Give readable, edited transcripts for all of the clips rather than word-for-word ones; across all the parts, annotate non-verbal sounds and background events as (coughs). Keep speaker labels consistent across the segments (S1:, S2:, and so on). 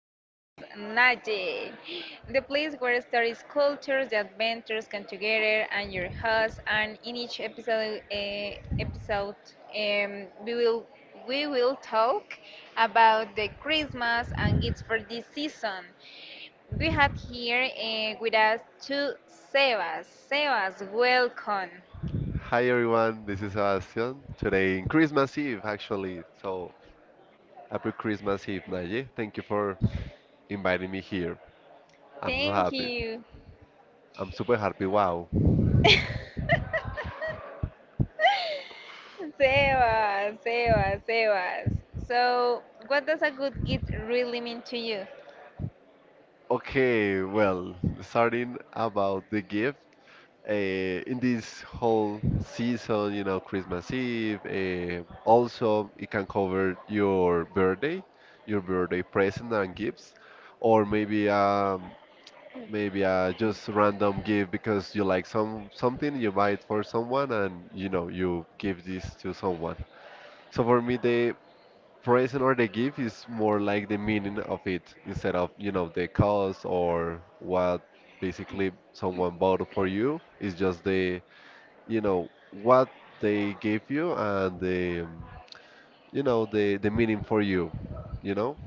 S1: podcast Naje, the place where stories, cultures, the adventures come together, and your host. And in each episode, um, we will we will talk about the Christmas and gifts for this season. We have here with us two Sebas. Sebas, welcome.
S2: Hi everyone, this is Sebastian. Today in Christmas Eve actually, so happy Christmas Eve, Naye. Thank you for inviting me here. I'm so
S1: Thank
S2: happy.
S1: you.
S2: I'm super happy. Wow.
S1: (laughs) Sebas. So, what does a good gift really mean to you?
S2: Okay, well, starting about the gift. Uh, in this whole season, you know, Christmas Eve. Also, it can cover your birthday present and gifts, or maybe a maybe just random gift because you like something, you buy it for someone, and you know you give this to someone. So for me, the present or the gift is more like the meaning of it instead of you know the cost or what basically someone bought for you. It's just the you know what they gave you and the you know the meaning for you, you know.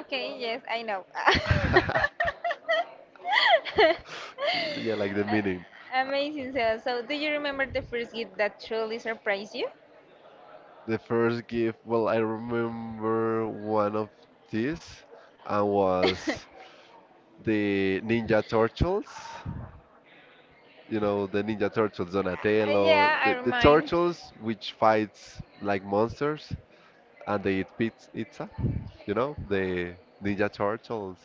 S1: Okay, yes, I know.
S2: (laughs)
S1: (laughs)
S2: Yeah, like the meaning.
S1: Amazing, Sebas. So, do you remember the first gift that truly surprised you?
S2: The first gift, well, I remember one of these, and was the Ninja Turtles. You know, the Ninja Turtles,
S1: (laughs)
S2: Donatello,
S1: Yeah, I
S2: the
S1: remind.
S2: turtles which fights like monsters, and they eat pizza. You know, the Ninja Turtles.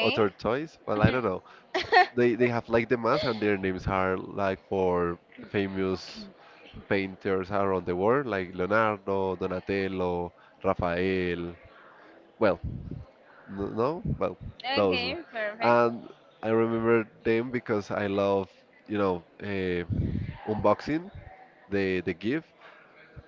S2: Other toys, well, I don't know. They have like the mask, and their names are like for famous painters around the world, like Leonardo, Donatello, Raphael. Well, n- no, well,
S1: (laughs)
S2: those.
S1: Okay, perfect.
S2: And I remember them because I love, you know, unboxing the GIF.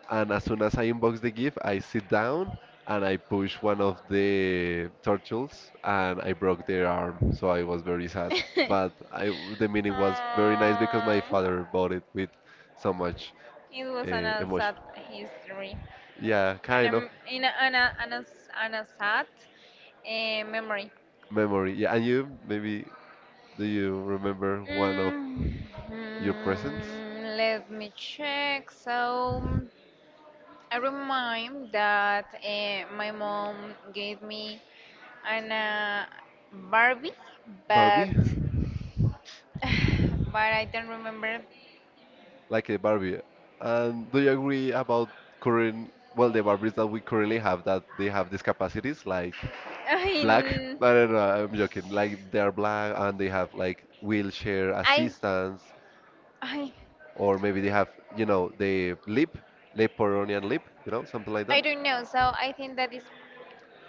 S2: And as soon as I unbox the GIF, I sit
S1: (laughs)
S2: down and I push one of the turtles and I broke their arm. So I was very sad. But I, the meaning was very nice because my
S1: um,
S2: father bought it with so much
S1: it was an
S2: emotion.
S1: sad history,
S2: Yeah,
S1: an
S2: kind of
S1: em- in a, an, a, an, a an unsad memory.
S2: memory. Yeah, and you maybe do you remember one of
S1: Mm,
S2: your present?
S1: Let me check. So I remind that my mom gave me an Barbie, but
S2: Barbie,
S1: (sighs) but I don't remember. (laughs)
S2: like a Barbie. And do you agree about current, well, the Barbies that we currently have that they have these capacities, like black?
S1: In
S2: I don't know, I'm joking. Like they are black and they have like wheelchair
S1: I,
S2: assistance,
S1: I,
S2: or maybe they have, you know, the lip, Pyronian lip, you know, something like
S1: I
S2: that.
S1: don't know. So I think that is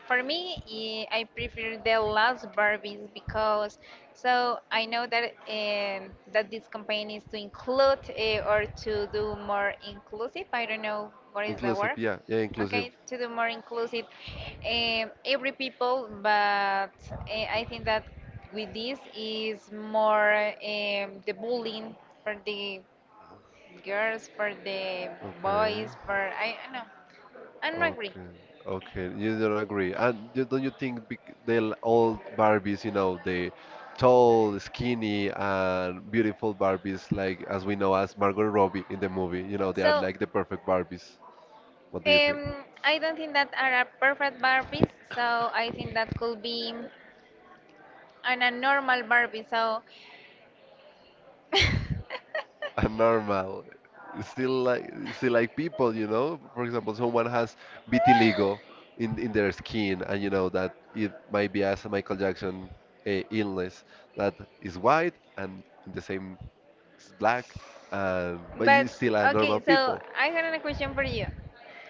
S1: for me. I prefer the last Barbies because so I know that that this campaign is to include or to do more inclusive. I don't know what is the
S2: Inclusive,
S1: word.
S2: yeah, yeah, inclusive.
S1: Okay, to do more inclusive, every people, but I think that with this is more the bullying for the girls, for the
S2: Okay.
S1: boys, for I know, I don't agree.
S2: Okay, okay, you don't agree, and you, don't you think they'll all Barbies, you know, the tall, skinny, and beautiful Barbies, like as we know as Margot Robbie in the movie, you know, they are
S1: So
S2: like the perfect Barbies. What do you think?
S1: I don't think that are a perfect Barbies, so I think that could be an a normal Barbie. So,
S2: Are normal. Still like people, you know. For example, someone has vitiligo in their skin, and you know that it might be as a Michael Jackson illness that is white and in the same is black, and but
S1: but
S2: it's still a normal
S1: okay, so
S2: people.
S1: I had a question for you.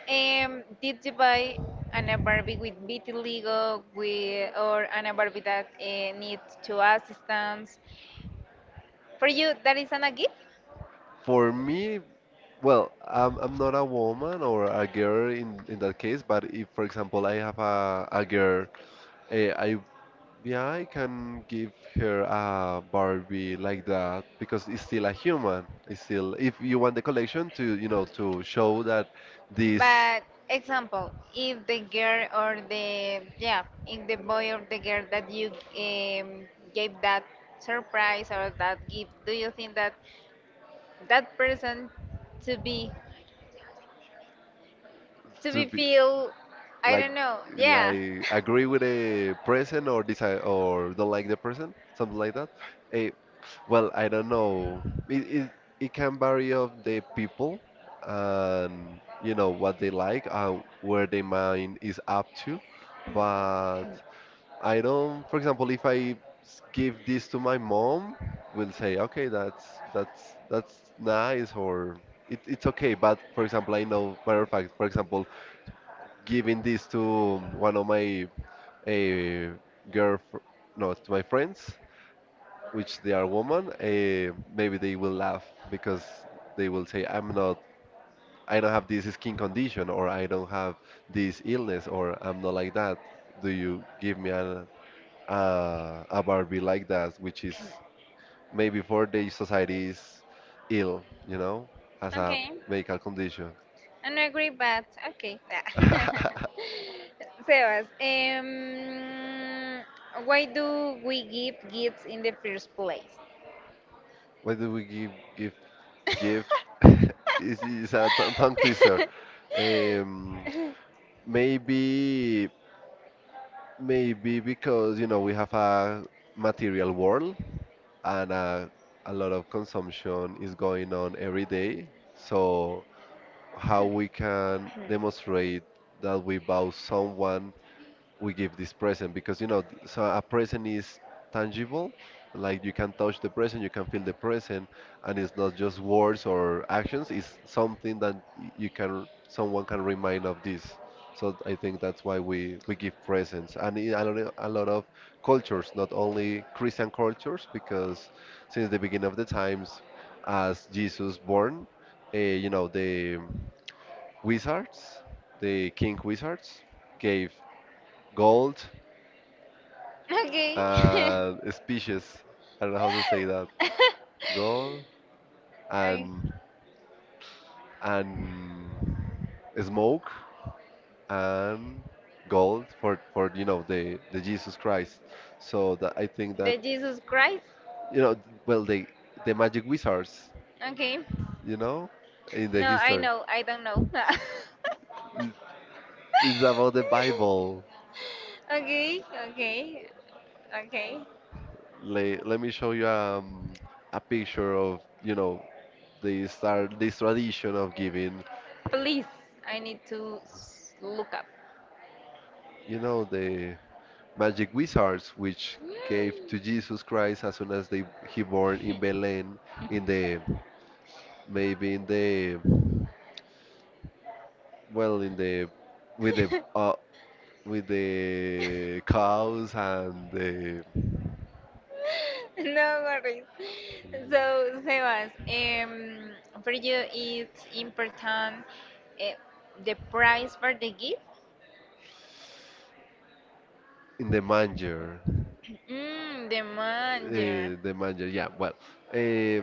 S1: Did you buy an a Barbie with vitiligo, with or an a Barbie that needs to assistance? For you, that is an a gift?
S2: For me, well, I'm not a woman or a girl in that case, but if for example I have a girl, I yeah, I can give her a Barbie like that because it's still a human. It's still, if you want the collection to, you know, to show that this
S1: But example, if the girl or the yeah, if the boy or the girl that you gave that surprise or that gift, do you think that that person to be to
S2: to
S1: be
S2: be
S1: feel I
S2: like
S1: don't know, yeah.
S2: like agree with a person or decide or don't like the person, something like that. Eh, well, I don't know. It it can vary of the people and you know what they like and where their mind is up to, but. I don't, for example, if I give this to my mom, will say, okay, that's that's nice or it's okay. But for example, I know, matter of fact, for example, giving this to one of my uh, girl, no, to my friends, which they are woman, maybe they will laugh because they will say, I don't have this skin condition or I don't have this illness or I'm not like that. Do you give me a Barbie like that, which is maybe for the society is ill, you know, has a
S1: Okay.
S2: medical condition.
S1: I don't agree but okay. Yeah.
S2: (laughs)
S1: (laughs) Sebas, why do we give gifts in the first place?
S2: What do we give give? (laughs) Is a tongue
S1: (laughs)
S2: twister. Um, maybe Maybe because you know we have a material world and a lot of consumption is going on every day, so. How we can demonstrate that we vow someone we give this present because you know so a present is tangible, like you can touch the present, you can feel the present, and it's not just words or actions. It's something that you can, someone can remind of this. So I think that's why we give presents, and in a lot a lot of cultures, not only Christian cultures, because since the beginning of the times as Jesus born, you know, the wizards, the king wizards, gave gold
S1: okay. (laughs)
S2: and species. I don't know how to say that.
S1: (laughs)
S2: Gold
S1: I-
S2: and and smoke and gold for you know the Jesus Christ. So that I think that
S1: the Jesus Christ.
S2: you know well the magic wizards,
S1: Okay.
S2: you know, in the
S1: No, I
S2: history.
S1: know. I don't know. (laughs)
S2: It- It's about the Bible.
S1: Okay. Okay. Okay.
S2: Let me show you a picture of, you know, they start this tradition of giving,
S1: Please, I need to s- look up.
S2: you know, the magic wizards which gave to Jesus Christ as soon as they he born in Belen in the
S1: (laughs)
S2: maybe in the well in the with the uh, with the cows and the
S1: No worries. So, Sebas, for you it's important eh, the price for the gift?
S2: in the manger.
S1: Mm, the manager.
S2: The manger, yeah, well, uh,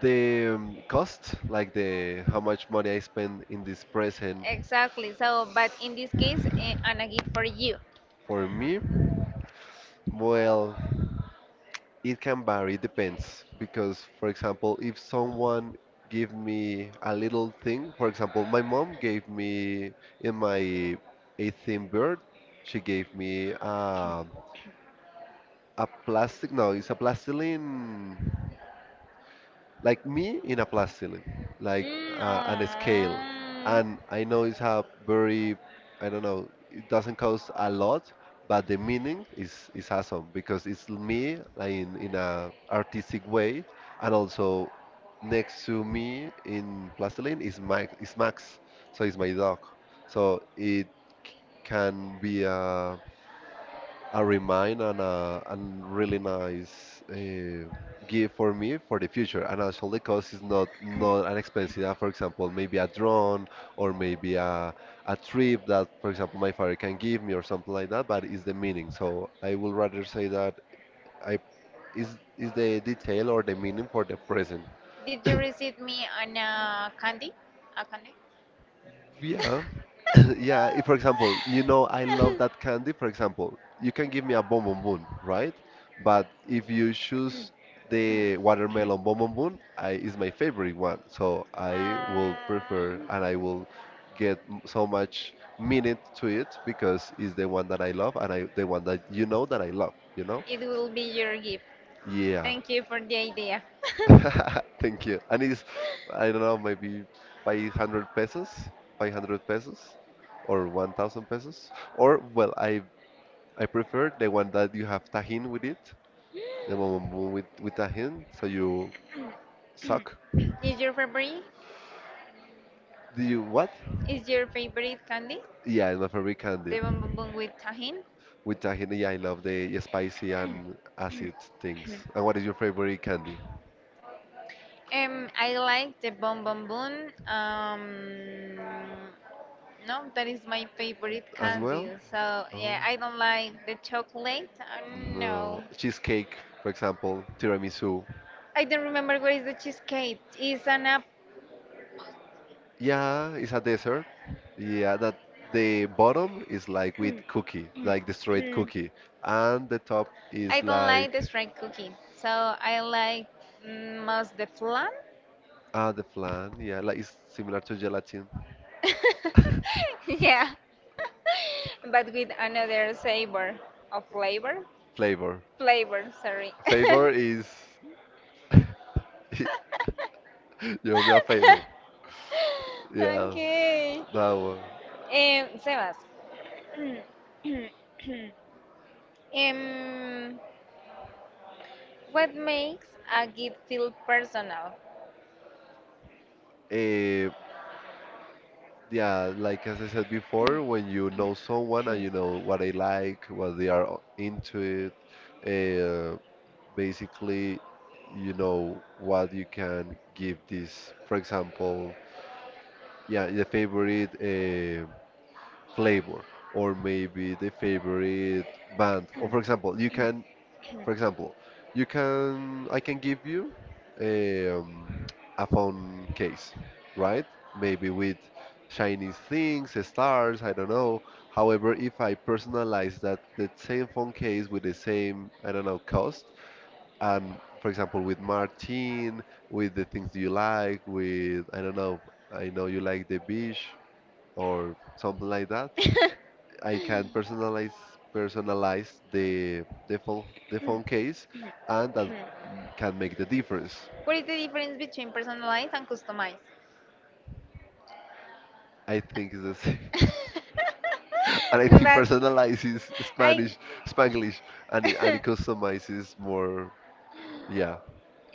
S2: the cost like the how much money I spend in this present
S1: Exactly. So, but in this case, eh, and a gift for you.
S2: for me well, it can vary, it depends. Because, for example, if someone give me a little thing, for example, my mom gave me in my 18th birth, she gave me a plastic, no, it's a plastiline, like me in a plastilin, like
S1: Mm,
S2: on a scale.
S1: aw.
S2: And I know it's a very, I don't know, it doesn't cost a lot, but the meaning is awesome because it's me like in a artistic way, and also next to me in plastilin is Max, so it's my dog. So it c- can be a remind and and really nice gift for me for the future. And also the cost is not not an expensive. For example, maybe a drone or maybe a trip that, for example, my father can give me or something like that. But it's the meaning. So I would rather say that I is the detail or the meaning for the present.
S1: Did you
S2: (coughs)
S1: receive me on a candy? A candy?
S2: Yeah, (coughs) (laughs) yeah. If, for example, you know, I love that candy. For example, you can give me a bon bon bon, right? But if you choose the watermelon bon bon bon, I is my favorite one. So I will prefer
S1: Um,
S2: and I will get so much minute to it because it's the one that I love and I the one that you know that I love. You know?
S1: it will be your gift.
S2: Yeah.
S1: Thank you for the idea. (gasps)
S2: (laughs) Thank you. And it's, I don't know, maybe 500 pesos, 500 pesos, or 1,000 pesos. Or, well, I prefer the one that you have tahin with it, the one with tahin, so you suck.
S1: Is your favorite?
S2: Do you what?
S1: Is your favorite candy?
S2: Yeah, I love every candy.
S1: The bon bon bon with tahin?
S2: With tahin, yeah, I love the spicy and acid things. And what is your favorite candy?
S1: I like the bon bon bon. Um, No, that is my favorite
S2: As
S1: candy.
S2: well?
S1: So
S2: Oh,
S1: yeah, I don't like the chocolate. No,
S2: no. Cheesecake, for example, tiramisu.
S1: I don't remember what is the cheesecake. It's an app.
S2: Yeah, it's a dessert. Yeah, that the bottom is like with cookie, like the
S1: (clears throat)
S2: straight cookie, and the top
S1: I
S2: is
S1: don't like
S2: like
S1: the straight cookie. So I like most the flan.
S2: ah the flan. Yeah, like it's similar to gelatin.
S1: (laughs) yeah, (laughs) but with another savor of flavor.
S2: (laughs) Flavor.
S1: Flavor, sorry.
S2: Favor is (laughs) you owe me a favor.
S1: (laughs)
S2: Yeah,
S1: Okay.
S2: that one.
S1: Sebas, hmm. (clears throat) um, what makes a gift feel personal?
S2: Eh, yeah, like as I said before, when you know someone and you know what they like, what they are into it, basically you know what you can give. This for example, yeah, the favorite flavor, or maybe the favorite band, or for example you can, for example you can, I can give you um, a phone case, right, maybe with shiny things, stars, I don't know. However, if I personalize that, the same phone case with the same, I don't know, cost, and for example, with Martin, with the things you like, with, I don't know, I know you like the beach or something like that. I can personalize the phone case, and that can make the difference.
S1: What is the difference between personalized and customized?
S2: I think it's the same. (laughs) And I
S1: (laughs)
S2: think
S1: But
S2: personalizes
S1: I
S2: Spanish, Spanglish,
S1: (laughs)
S2: and it customizes more. Yeah,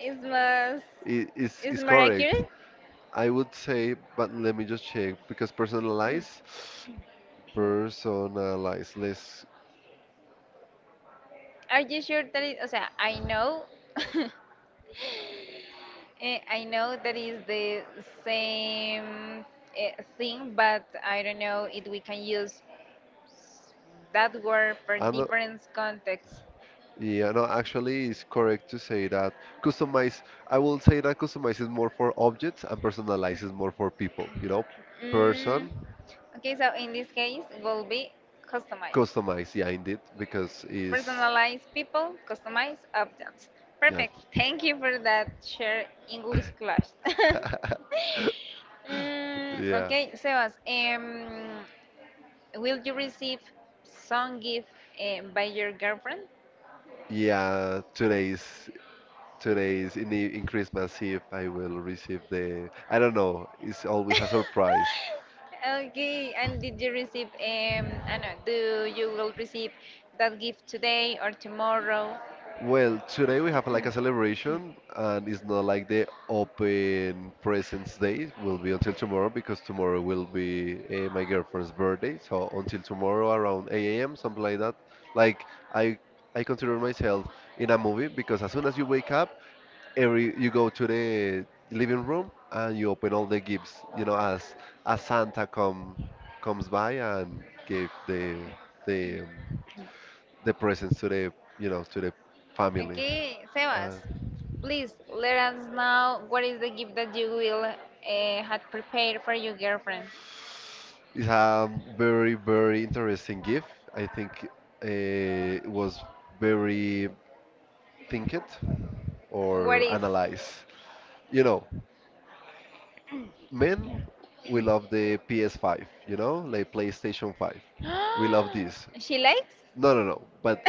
S1: is more is
S2: it's
S1: more
S2: correct.
S1: accurate.
S2: I would say, but let me just check because personalized. Less,
S1: Are you sure that it? O sea, I know, (laughs) I know that is the same eh, thing, but I don't know if we can use that were for
S2: I'm not,
S1: different contexts.
S2: yeah, no, actually, it's correct to say that customize. I will say that customize is more for objects and personalize is more for people. You know,
S1: Mm,
S2: person,
S1: okay, so in this case will be customized.
S2: customize. Yeah, indeed, because is
S1: Personalize people, customize objects.
S2: yeah,
S1: Perfect. Thank you for that share English class. (laughs)
S2: (laughs)
S1: Mm,
S2: yeah,
S1: okay, Sebas, will you receive some gift by your girlfriend?
S2: yeah. Today's in in Christmas Eve, I will receive the. I don't know. It's always a surprise.
S1: Okay, and did you receive, I don't know, do you will receive that gift today or tomorrow?
S2: Well, today we have like a celebration, and it's not like the open presents day will be until tomorrow because tomorrow will be my girlfriend's birthday. So until tomorrow around 8 a.m. something like that. Like I, I consider myself in a movie because as soon as you wake up, every you go to the living room and you open all the gifts. You know, as Santa comes by and give the um, the presents to the you know to the family.
S1: Okay, Sebas,
S2: Uh,
S1: please let us know what is the gift that you will had prepared for your girlfriend.
S2: it's a very, very interesting gift. I think uh, it was very thinked
S1: What
S2: or
S1: is?
S2: analyzed. You know, men, we love the PS5, like PlayStation 5. We love this.
S1: (gasps) She likes
S2: No, no, no. But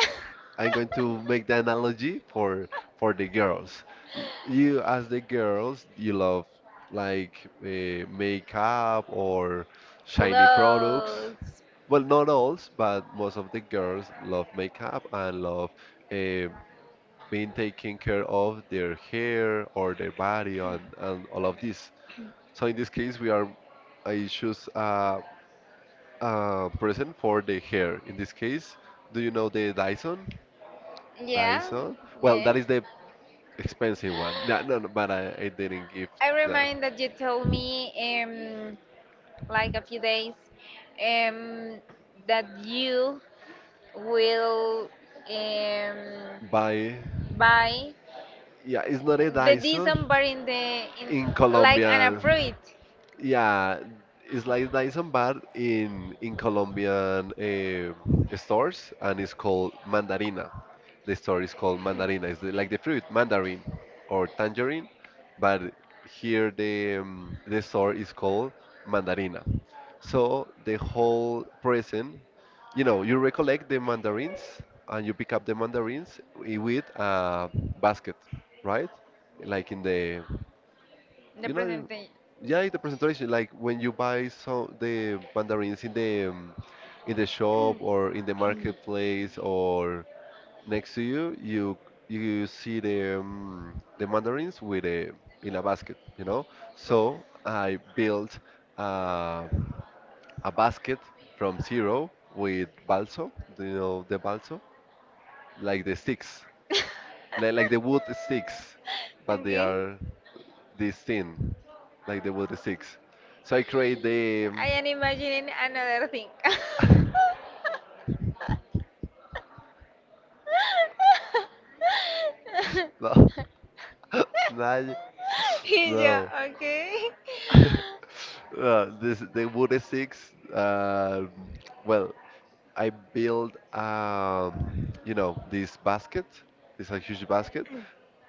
S2: I'm going to make the analogy for the girls. You, as the girls, you love like makeup or shiny products.
S1: clothes.
S2: Well, not all, but most of the girls love makeup and love uh, being taken care of their hair or their body, and all of this. So in this case, we are I choose a present for the hair. In this case, do you know the Dyson?
S1: Yeah,
S2: Dyson. Well, that
S1: yeah.
S2: is the expensive one. No, no, no, but I didn't give
S1: I
S2: the
S1: remind that you told me like a few days, um, that you will um,
S2: buy.
S1: buy
S2: Yeah, it's not a
S1: the
S2: Dyson
S1: December in the in
S2: in
S1: like an
S2: Colombian.
S1: approved
S2: Yeah, it's like nice and bad in Colombian stores, and it's called mandarina. The store is called mandarina. It's the, like the fruit, mandarin or tangerine, but here the store is called mandarina. So the whole present, you recollect the mandarins and you pick up the mandarins with a basket, right? Like in the,
S1: the
S2: you know.
S1: presentation.
S2: Yeah, the presentation, like when you buy some the mandarins in the shop or in the marketplace or next to you, you see the mandarins with a in a basket. So I built uh, a basket from zero with balso. Do you know the balso? Like the sticks, like the wood sticks, but they
S1: Okay,
S2: are this thing, like the Water Six. So I create the
S1: I am imagining another thing.
S2: (laughs) no, (laughs) Naj-
S1: (laughs) Yeah,
S2: no.
S1: okay.
S2: (laughs) No, this the Water Six. Well, I build this basket. It's a huge basket,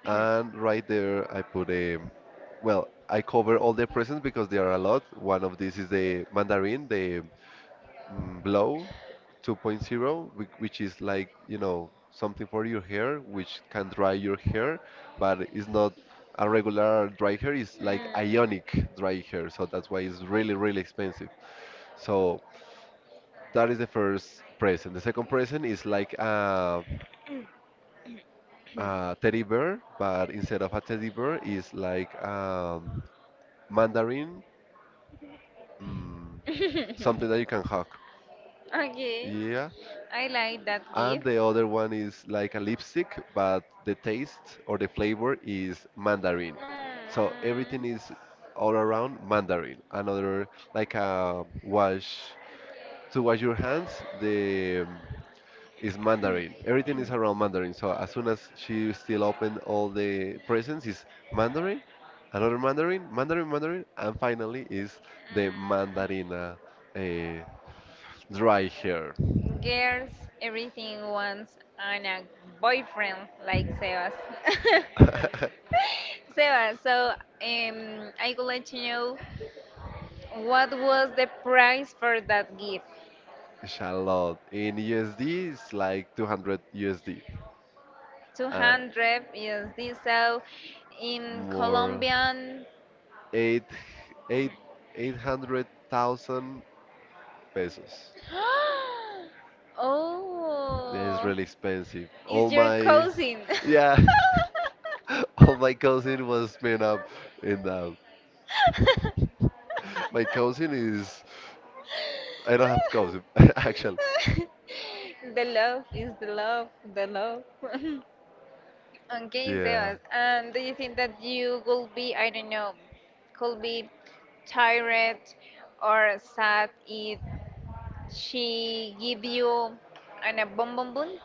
S2: and right there I put a well. I cover all the presents because there are a lot. One of these is the mandarin, the Blow 2.0, which is like, something for your hair, which can dry your hair, but it's not a regular dry hair, it's like ionic dry hair. So that's why it's really, really expensive. So that is the first present. The second present is like a teddy bear, but instead of a teddy bear, is like mandarin, mm, something
S1: Mm.
S2: that
S1: (laughs)
S2: you can hug.
S1: Okay.
S2: Yeah.
S1: I like that
S2: And
S1: gift.
S2: the other one is like a lipstick, but the taste or the flavor is mandarin. So
S1: Mm.
S2: everything
S1: Mm.
S2: is all around mandarin. Another like a wash to wash your hands, the is mandarin. Everything is around mandarin. So as soon as she still opened all the presents is mandarin, another mandarin, mandarin, mandarin, and finally is the mandarina uh, dry hair.
S1: Girls, everything wants and a boyfriend like Sebas.
S2: (laughs)
S1: (laughs) Sebas, so I would like to know what was the price for that gift?
S2: It's a lot. In USD, it's like 200 USD. Uh,
S1: 200 is this so in
S2: more
S1: Colombian.
S2: eight eight eight hundred thousand pesos.
S1: (gasps)
S2: Yeah, it's
S1: Oh,
S2: really expensive.
S1: is your cousin.
S2: Yeah,
S1: (laughs)
S2: (laughs) all my cousin was spent up in that. My cousin is I don't have cousin (laughs) actually.
S1: The love is the love, the love. (laughs) Okay,
S2: Yeah.
S1: Sebas. And do you think that you will be, I don't know, could be tired or sad if she give you an a bonbon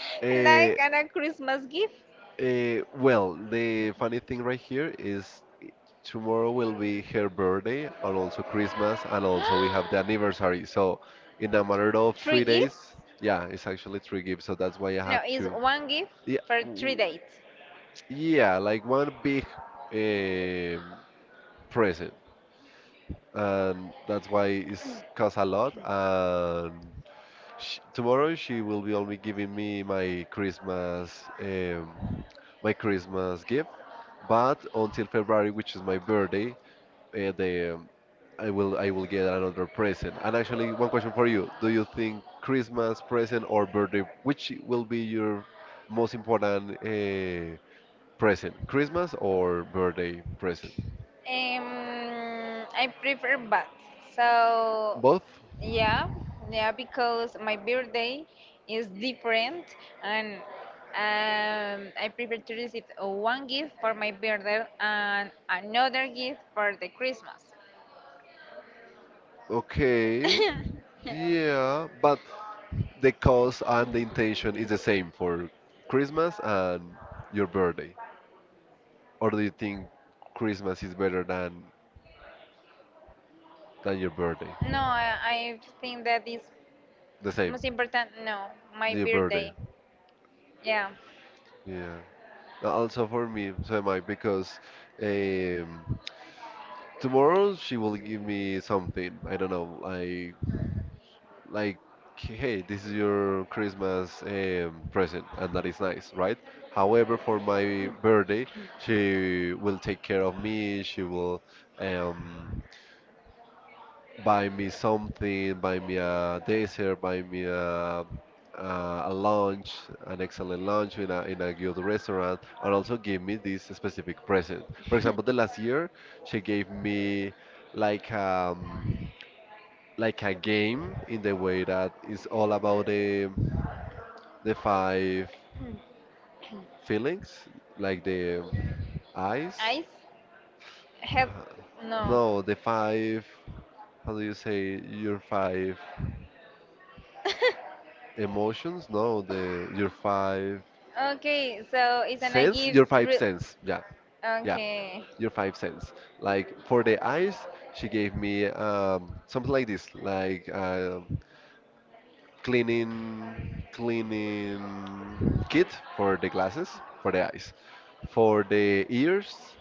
S1: (laughs)
S2: Uh,
S1: like an a Christmas gift?
S2: Well, the funny thing right here is tomorrow will be her birthday and also Christmas, and also we have the anniversary.
S1: (gasps)
S2: So, in a matter of
S1: Three
S2: three
S1: gifts?
S2: days, yeah, it's actually three gifts. So that's why I
S1: No,
S2: have
S1: it's
S2: to,
S1: one gift
S2: yeah,
S1: for three dates.
S2: yeah, like one big um present, and that's why it's cost a lot. And Sh tomorrow she will be only giving me my Christmas, my Christmas gift, but until February, which is my birthday, the I will get another present. And actually, one question for you: do you think Christmas present or birthday, which will be your most important present, Christmas or birthday present?
S1: I prefer both. So,
S2: Both?
S1: yeah, yeah, because my birthday is different, and I prefer to receive one gift for my birthday and another gift for the Christmas.
S2: Okay. Yeah, but the cause and the intention is the same for Christmas and your birthday. Or do you think Christmas is better than your birthday?
S1: No, I think that is
S2: The same,
S1: most important, no. My
S2: your birthday.
S1: birthday. Yeah.
S2: Yeah. Also for me, so am I, because um, tomorrow she will give me something. I don't know, like like hey, this is your Christmas present, and that is nice, right? However, for my birthday, she will take care of me, she will um, buy me something, buy me a dessert, buy me a lunch, an excellent lunch in a good restaurant, and also give me this specific present. For example, the last year she gave me like um, like a game in the way that it's all about the five
S1: Hmm.
S2: feelings, like the eyes.
S1: Ice? Help?
S2: uh,
S1: No.
S2: No, the five. How do you say your five
S1: (laughs)
S2: emotions? No, the your five
S1: Okay, so it's gonna
S2: sense. Your
S1: give.
S2: five
S1: Re-
S2: sense. Yeah, yeah.
S1: okay.
S2: Your five sense. Like for the eyes, she gave me something like this. Cleaning kit for the glasses, for the eyes, for the ears.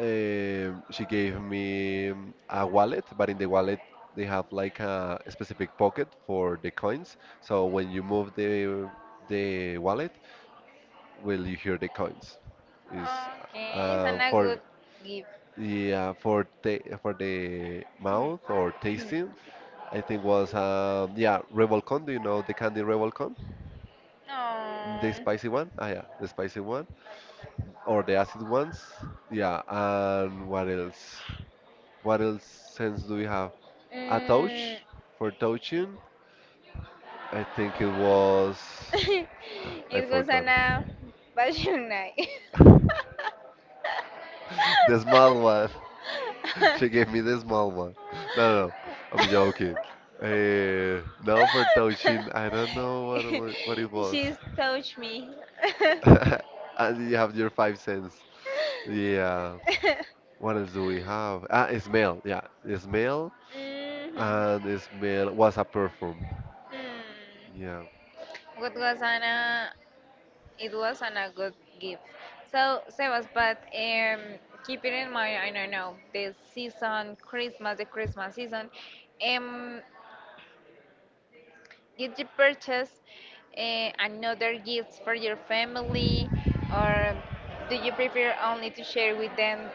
S2: She gave me a wallet, but in the wallet they have like a specific pocket for the coins. So when you move the wallet, will you hear the coins? Is
S1: Okay, it's gonna good
S2: for,
S1: give.
S2: yeah, for the mouth or tasting. I think was yeah, Revolcon. Do you know the candy Revolcon? The spicy one?
S1: Oh.
S2: Ah, yeah, the spicy one. Or the acid ones. Yeah, and what else? What else sense do we have? A
S1: Mm.
S2: touch for touching. I think it was.
S1: (laughs)
S2: (gasps) I
S1: It was
S2: forgot.
S1: an passion night.
S2: (laughs) The small one. (laughs)
S1: (laughs)
S2: She gave me the small one. No, no, no. I'm joking. Now for touching, I don't know
S1: (laughs)
S2: what what it was.
S1: She's touched me.
S2: (laughs) And you have your 5 cents. Yeah.
S1: (laughs)
S2: What else do we have? Ah, Ismail. Yeah, Ismail.
S1: Mhm.
S2: And Ismail was a perform.
S1: Hmm.
S2: Yeah.
S1: What was Anna? It was an a good gift. So, Sebas, but keeping in mind, I don't know the season, Christmas, the Christmas season. Um, did you purchase another gifts for your family, or do you prefer only to share with them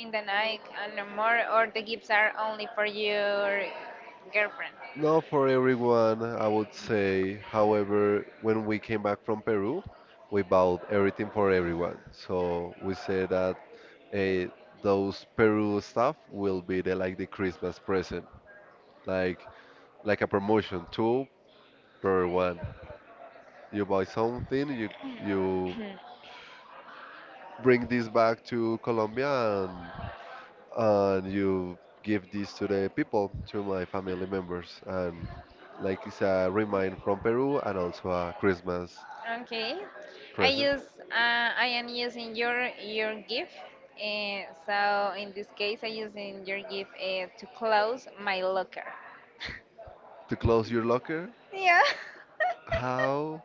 S1: in the night and no more, or the gifts are only for your girlfriend.
S2: Not for everyone, I would say. However, when we came back from Peru, we bought everything for everyone. So we say that eh, those Peru stuff will be the like the Christmas present, like like a promotion two per one. You buy something, you bring this back to Colombia, and and you give this to the people, to my family members, and like it's a remind from Peru and also a Christmas
S1: Okay, I
S2: present.
S1: use I am using your gift. So in this case, I using your gift to close my locker.
S2: To close your locker,
S1: Yeah,
S2: how?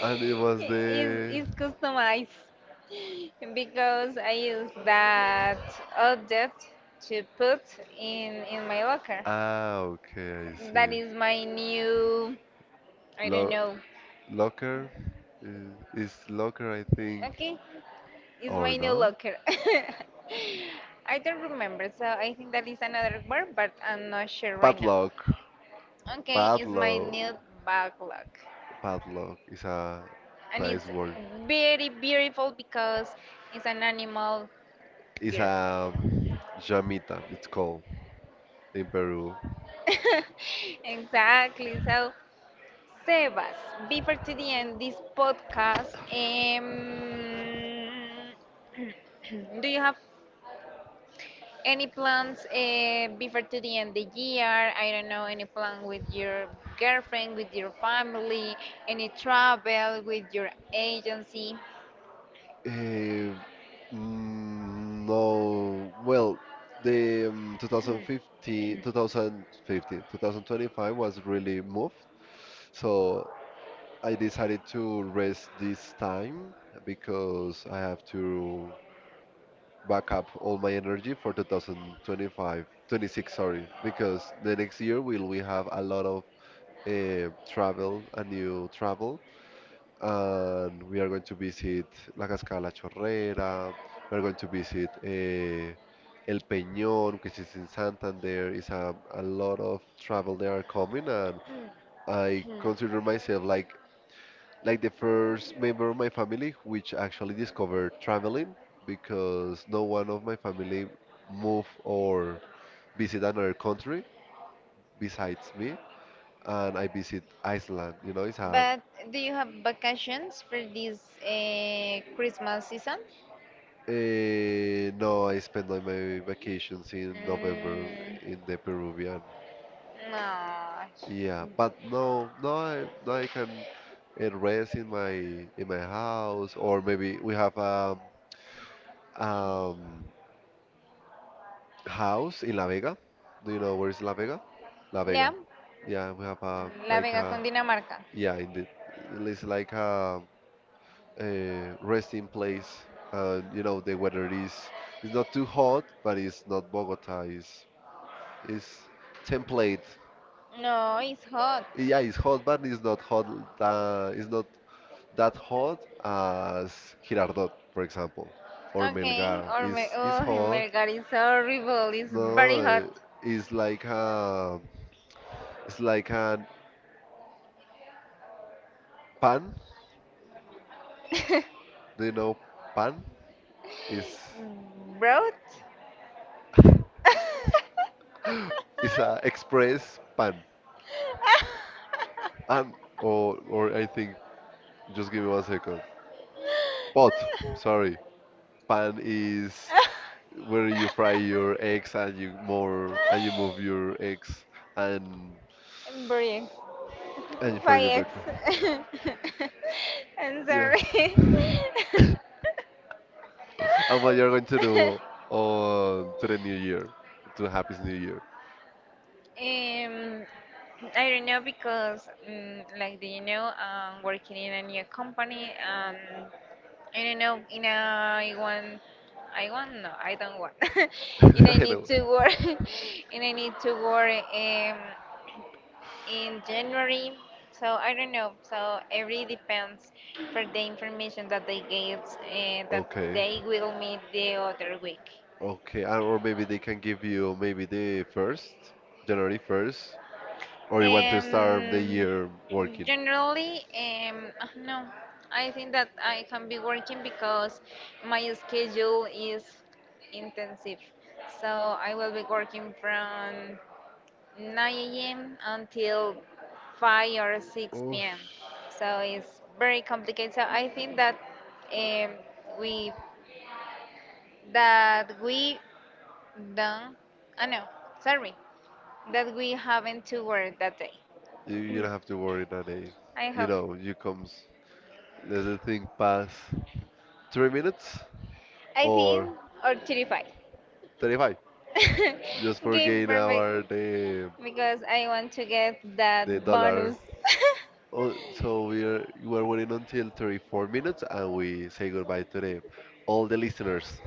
S2: And it was
S1: it's customized because I use that object to put in my locker.
S2: okay, I
S1: That
S2: see.
S1: is my new I don't
S2: Lo
S1: know.
S2: Locker is locker, I think,
S1: Okay, it's
S2: or
S1: my new
S2: no?
S1: locker. (laughs) I don't remember, so I think that is another word, but I'm not sure right now.
S2: Padlock,
S1: Okay, it's my
S2: padlock,
S1: new backlog.
S2: padlock is a
S1: And
S2: nice
S1: it's
S2: word.
S1: very beautiful because it's an animal
S2: It's
S1: birth.
S2: a jamita. It's called in Peru.
S1: (laughs) Exactly. So, Sebas, before to the end this podcast, (clears throat) do you have any plans before to the end of the year? I don't know, any plan with your girlfriend, with your family, any travel with your agency?
S2: Uh, no, well, the 2015, 2015, 2025 was really moved. So I decided to rest this time because I have to back up all my energy for 2025, 26, sorry, because the next year will we have a lot of travel, a new travel, and we are going to visit La Cascada La Chorrera. We're going to visit El Peñón, which is in Santander. It's a lot of travel they are coming, and I consider myself like the first member of my family which actually discovered traveling, because no one of my family move or visit another country besides me, and I visit Iceland.
S1: But do you have vacations for this Christmas season?
S2: No, I spent like my vacations in November in the Peruvian.
S1: Mm, no.
S2: Yeah, but no, no, no, I can rest in my house, or maybe we have a um, um, house in La Vega. Do you know where is La Vega? La
S1: Lea.
S2: Vega. Yeah, we have a
S1: La
S2: like
S1: Vega
S2: a,
S1: con Dinamarca.
S2: yeah, indeed, it's like a resting place. The weather is It's not too hot, but it's not Bogota. It's template.
S1: No, it's hot.
S2: Yeah, it's hot, but it's not hot. It's not that hot as Girardot, for example, or
S1: Okay,
S2: Melgar.
S1: or me,
S2: It's
S1: oh
S2: hot.
S1: my god, it's horrible. It's very
S2: No,
S1: hot.
S2: it's like a it's like a pan.
S1: (laughs)
S2: Do you know pan? Is
S1: Broad? (laughs)
S2: is a express pan. And or I think just give me 1 second. Pot. Sorry. Pan is where you fry your eggs and you move your eggs and
S1: Brix.
S2: and for your breakfast.
S1: 5x. (laughs) I'm
S2: Yeah.
S1: sorry.
S2: (coughs) And what you're going to do on to the new year, to happiest new year.
S1: (laughs) Um. I don't know because, mm like, do you know, working in a new company, I don't know, in a, I want, I don't want, (laughs)
S2: (laughs)
S1: and I
S2: I
S1: need
S2: know.
S1: to work, (laughs) and I need to work in January. So I don't know. So it really depends for the information that they get, that
S2: Okay.
S1: they will meet the other week.
S2: Okay. Or maybe they can give you maybe the first, January first, or you want to start the
S1: Um,
S2: year working.
S1: generally, no. I think that I can be working because my schedule is intensive. So I will be working from 9 a.m. until 5 or 6
S2: Oof.
S1: p.m. So it's very complicated. So I think that um, we that we done. Ah no, sorry, that we haven't to work that day.
S2: You don't have to worry, Nani.
S1: I hope.
S2: You comes. Let the thing pass 3 minutes
S1: I
S2: or
S1: think or 35.
S2: 35. Just
S1: (laughs)
S2: for
S1: Game
S2: gain our
S1: perfect
S2: the
S1: because I want to get that
S2: the dollar.
S1: bonus. (coughs)
S2: Oh, so we are waiting until 34 minutes, and we say goodbye to the all the listeners.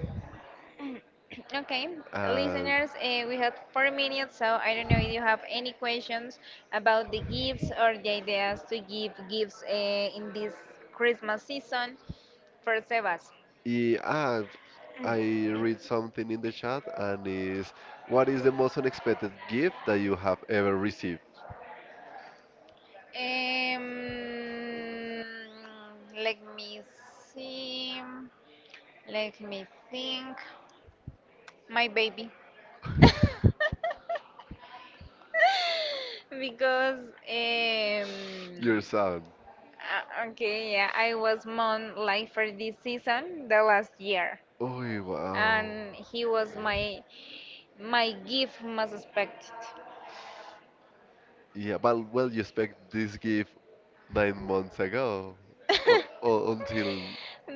S1: Okay,
S2: Uh,
S1: listeners, we have 4 minutes, so I don't know if you have any questions about the gifts or the ideas to give gifts in this Christmas season for Sebas.
S2: Yeah, I read something in the chat and is, what is the most unexpected gift that you have ever received?
S1: Um, let me see. Let me think. My baby. (laughs) Because um,
S2: Your son.
S1: okay, yeah, I was mom like for this season the last year,
S2: Oh, wow.
S1: and he was
S2: Uh,
S1: my my gift most expected.
S2: Yeah, but well, you expect this gift 9 months ago, or until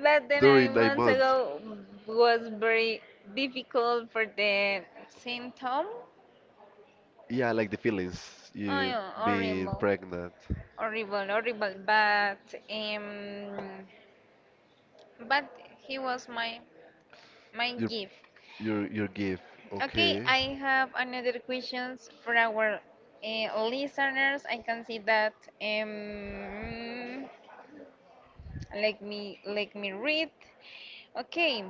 S1: But then
S2: during
S1: nine
S2: nine
S1: months
S2: months.
S1: ago was very difficult for the symptom.
S2: Yeah, I like the feelings
S1: Oh,
S2: you
S1: yeah,
S2: being pregnant.
S1: horrible. Um, but he was my my
S2: Your
S1: gift.
S2: your gift.
S1: Okay,
S2: Okay.
S1: I have another questions for our listeners. I can see that. Um, let me read. Okay,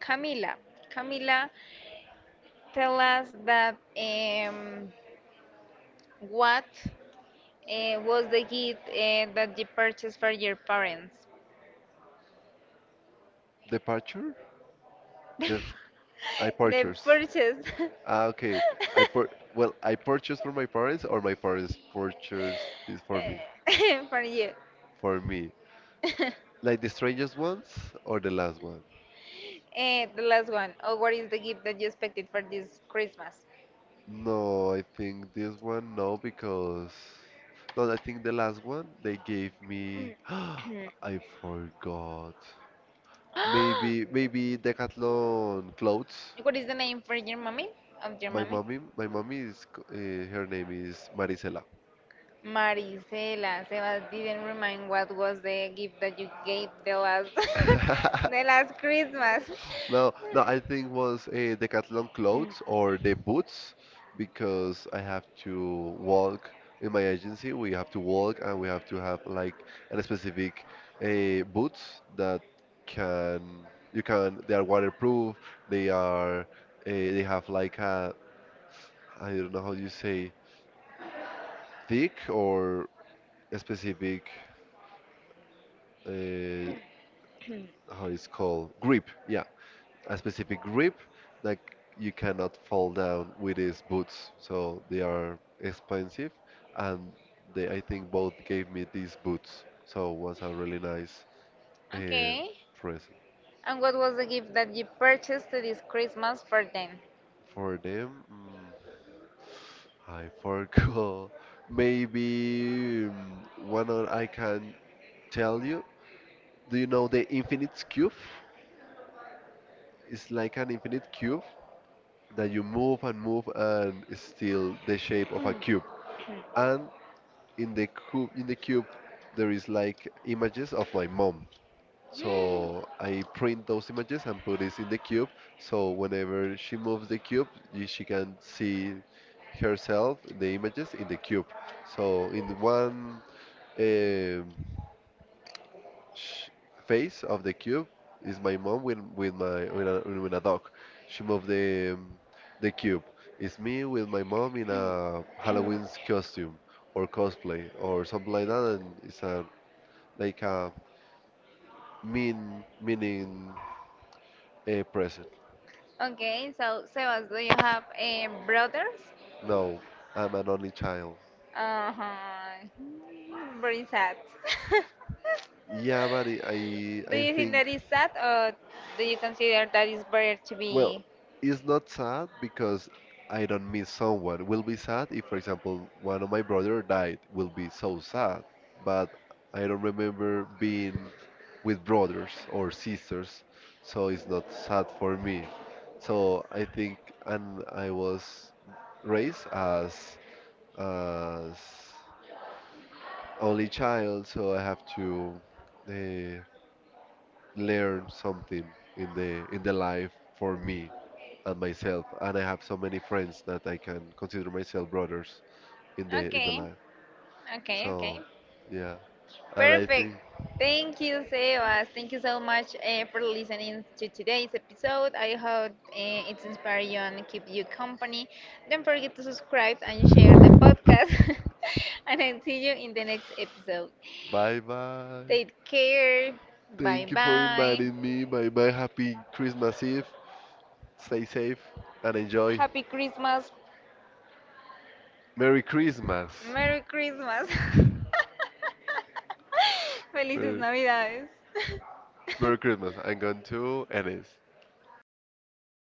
S1: Camila, Camila, tell us that what was the gift that you purchased for your parents?
S2: Departure? The I
S1: (laughs) The
S2: purchase.
S1: purchase
S2: Ah, okay. I pur Well, I purchased for my parents, or my parents purchased this for me.
S1: (laughs) for you.
S2: For me.
S1: (laughs)
S2: Like the strangest ones or the last one?
S1: Eh, the last one. Oh, what is the gift that you expected for this Christmas?
S2: No, I think this one no, because no, I think the last one they gave me (gasps) I forgot.
S1: (gasps)
S2: Maybe Decathlon clothes.
S1: What is the name for your mommy? Of your
S2: My
S1: mommy?
S2: mommy, my mommy is her name is Marisela.
S1: Maricela. Sebas didn't remind what was the gift that you gave the last (laughs)
S2: (laughs)
S1: the last Christmas.
S2: No, no, I think was Decathlon clothes or the boots, because I have to walk in my agency. We have to walk and we have to have like a specific boots that can you can, they are waterproof. They are they have like
S1: Mm.
S2: a I don't know how you say, thick or a specific, uh, how it's called, grip. Yeah, a specific grip that you cannot fall down with these boots. So they are expensive, and they I think both gave me these boots. So it was a really nice uh,
S1: Okay.
S2: present.
S1: And what was the gift that you purchased this Christmas for them?
S2: For them. I forgot. (laughs) Maybe one or I can tell you. Do you know the infinite cube? It's like an infinite cube that you move and move and it's still the shape of a cube. And in the cube there is like images of my mom,
S1: (gasps)
S2: so I print those images and put it in the cube, so whenever she moves the cube, she can see herself the images in the cube. So in one um, sh- face of the cube is my mom with with a dog. She moved the cube. It's me with my mom in a Halloween costume or cosplay or something like that, and it's a like a meaning a present.
S1: Okay, so Sebas, do you have brothers?
S2: No, I'm an only child.
S1: Uh-huh. Hmm, very sad. (laughs)
S2: Yeah, but I I
S1: Do
S2: I
S1: you think
S2: think,
S1: that is sad, or do you consider that it's better to
S2: well,
S1: be?
S2: it's not sad because I don't miss someone. Will be sad if, for example, one of my brother died. Will be so sad. But I don't remember being with brothers or sisters, so it's not sad for me. So I think, and I was raised as as only child, so I have to uh, learn something in the life for me and myself, and I have so many friends that I can consider myself brothers in the
S1: Okay,
S2: line.
S1: okay.
S2: So, yeah, and I
S1: Perfect.
S2: think
S1: Thank you, Sebas. Thank you so much for listening to today's episode. I hope it's inspired you and keep you company. Don't forget to subscribe and share the podcast. (laughs) And I'll see you in the next episode.
S2: bye bye.
S1: Take care. Bye
S2: Thank you for
S1: bye.
S2: inviting me. Bye bye. Happy Christmas Eve. Stay safe and enjoy.
S1: Happy Christmas.
S2: Merry Christmas.
S1: Merry Christmas. (laughs)
S2: (sighs)
S1: Felices
S2: Merry,
S1: Navidades.
S2: Merry Christmas. I'm going to
S1: (laughs)
S2: Ennis.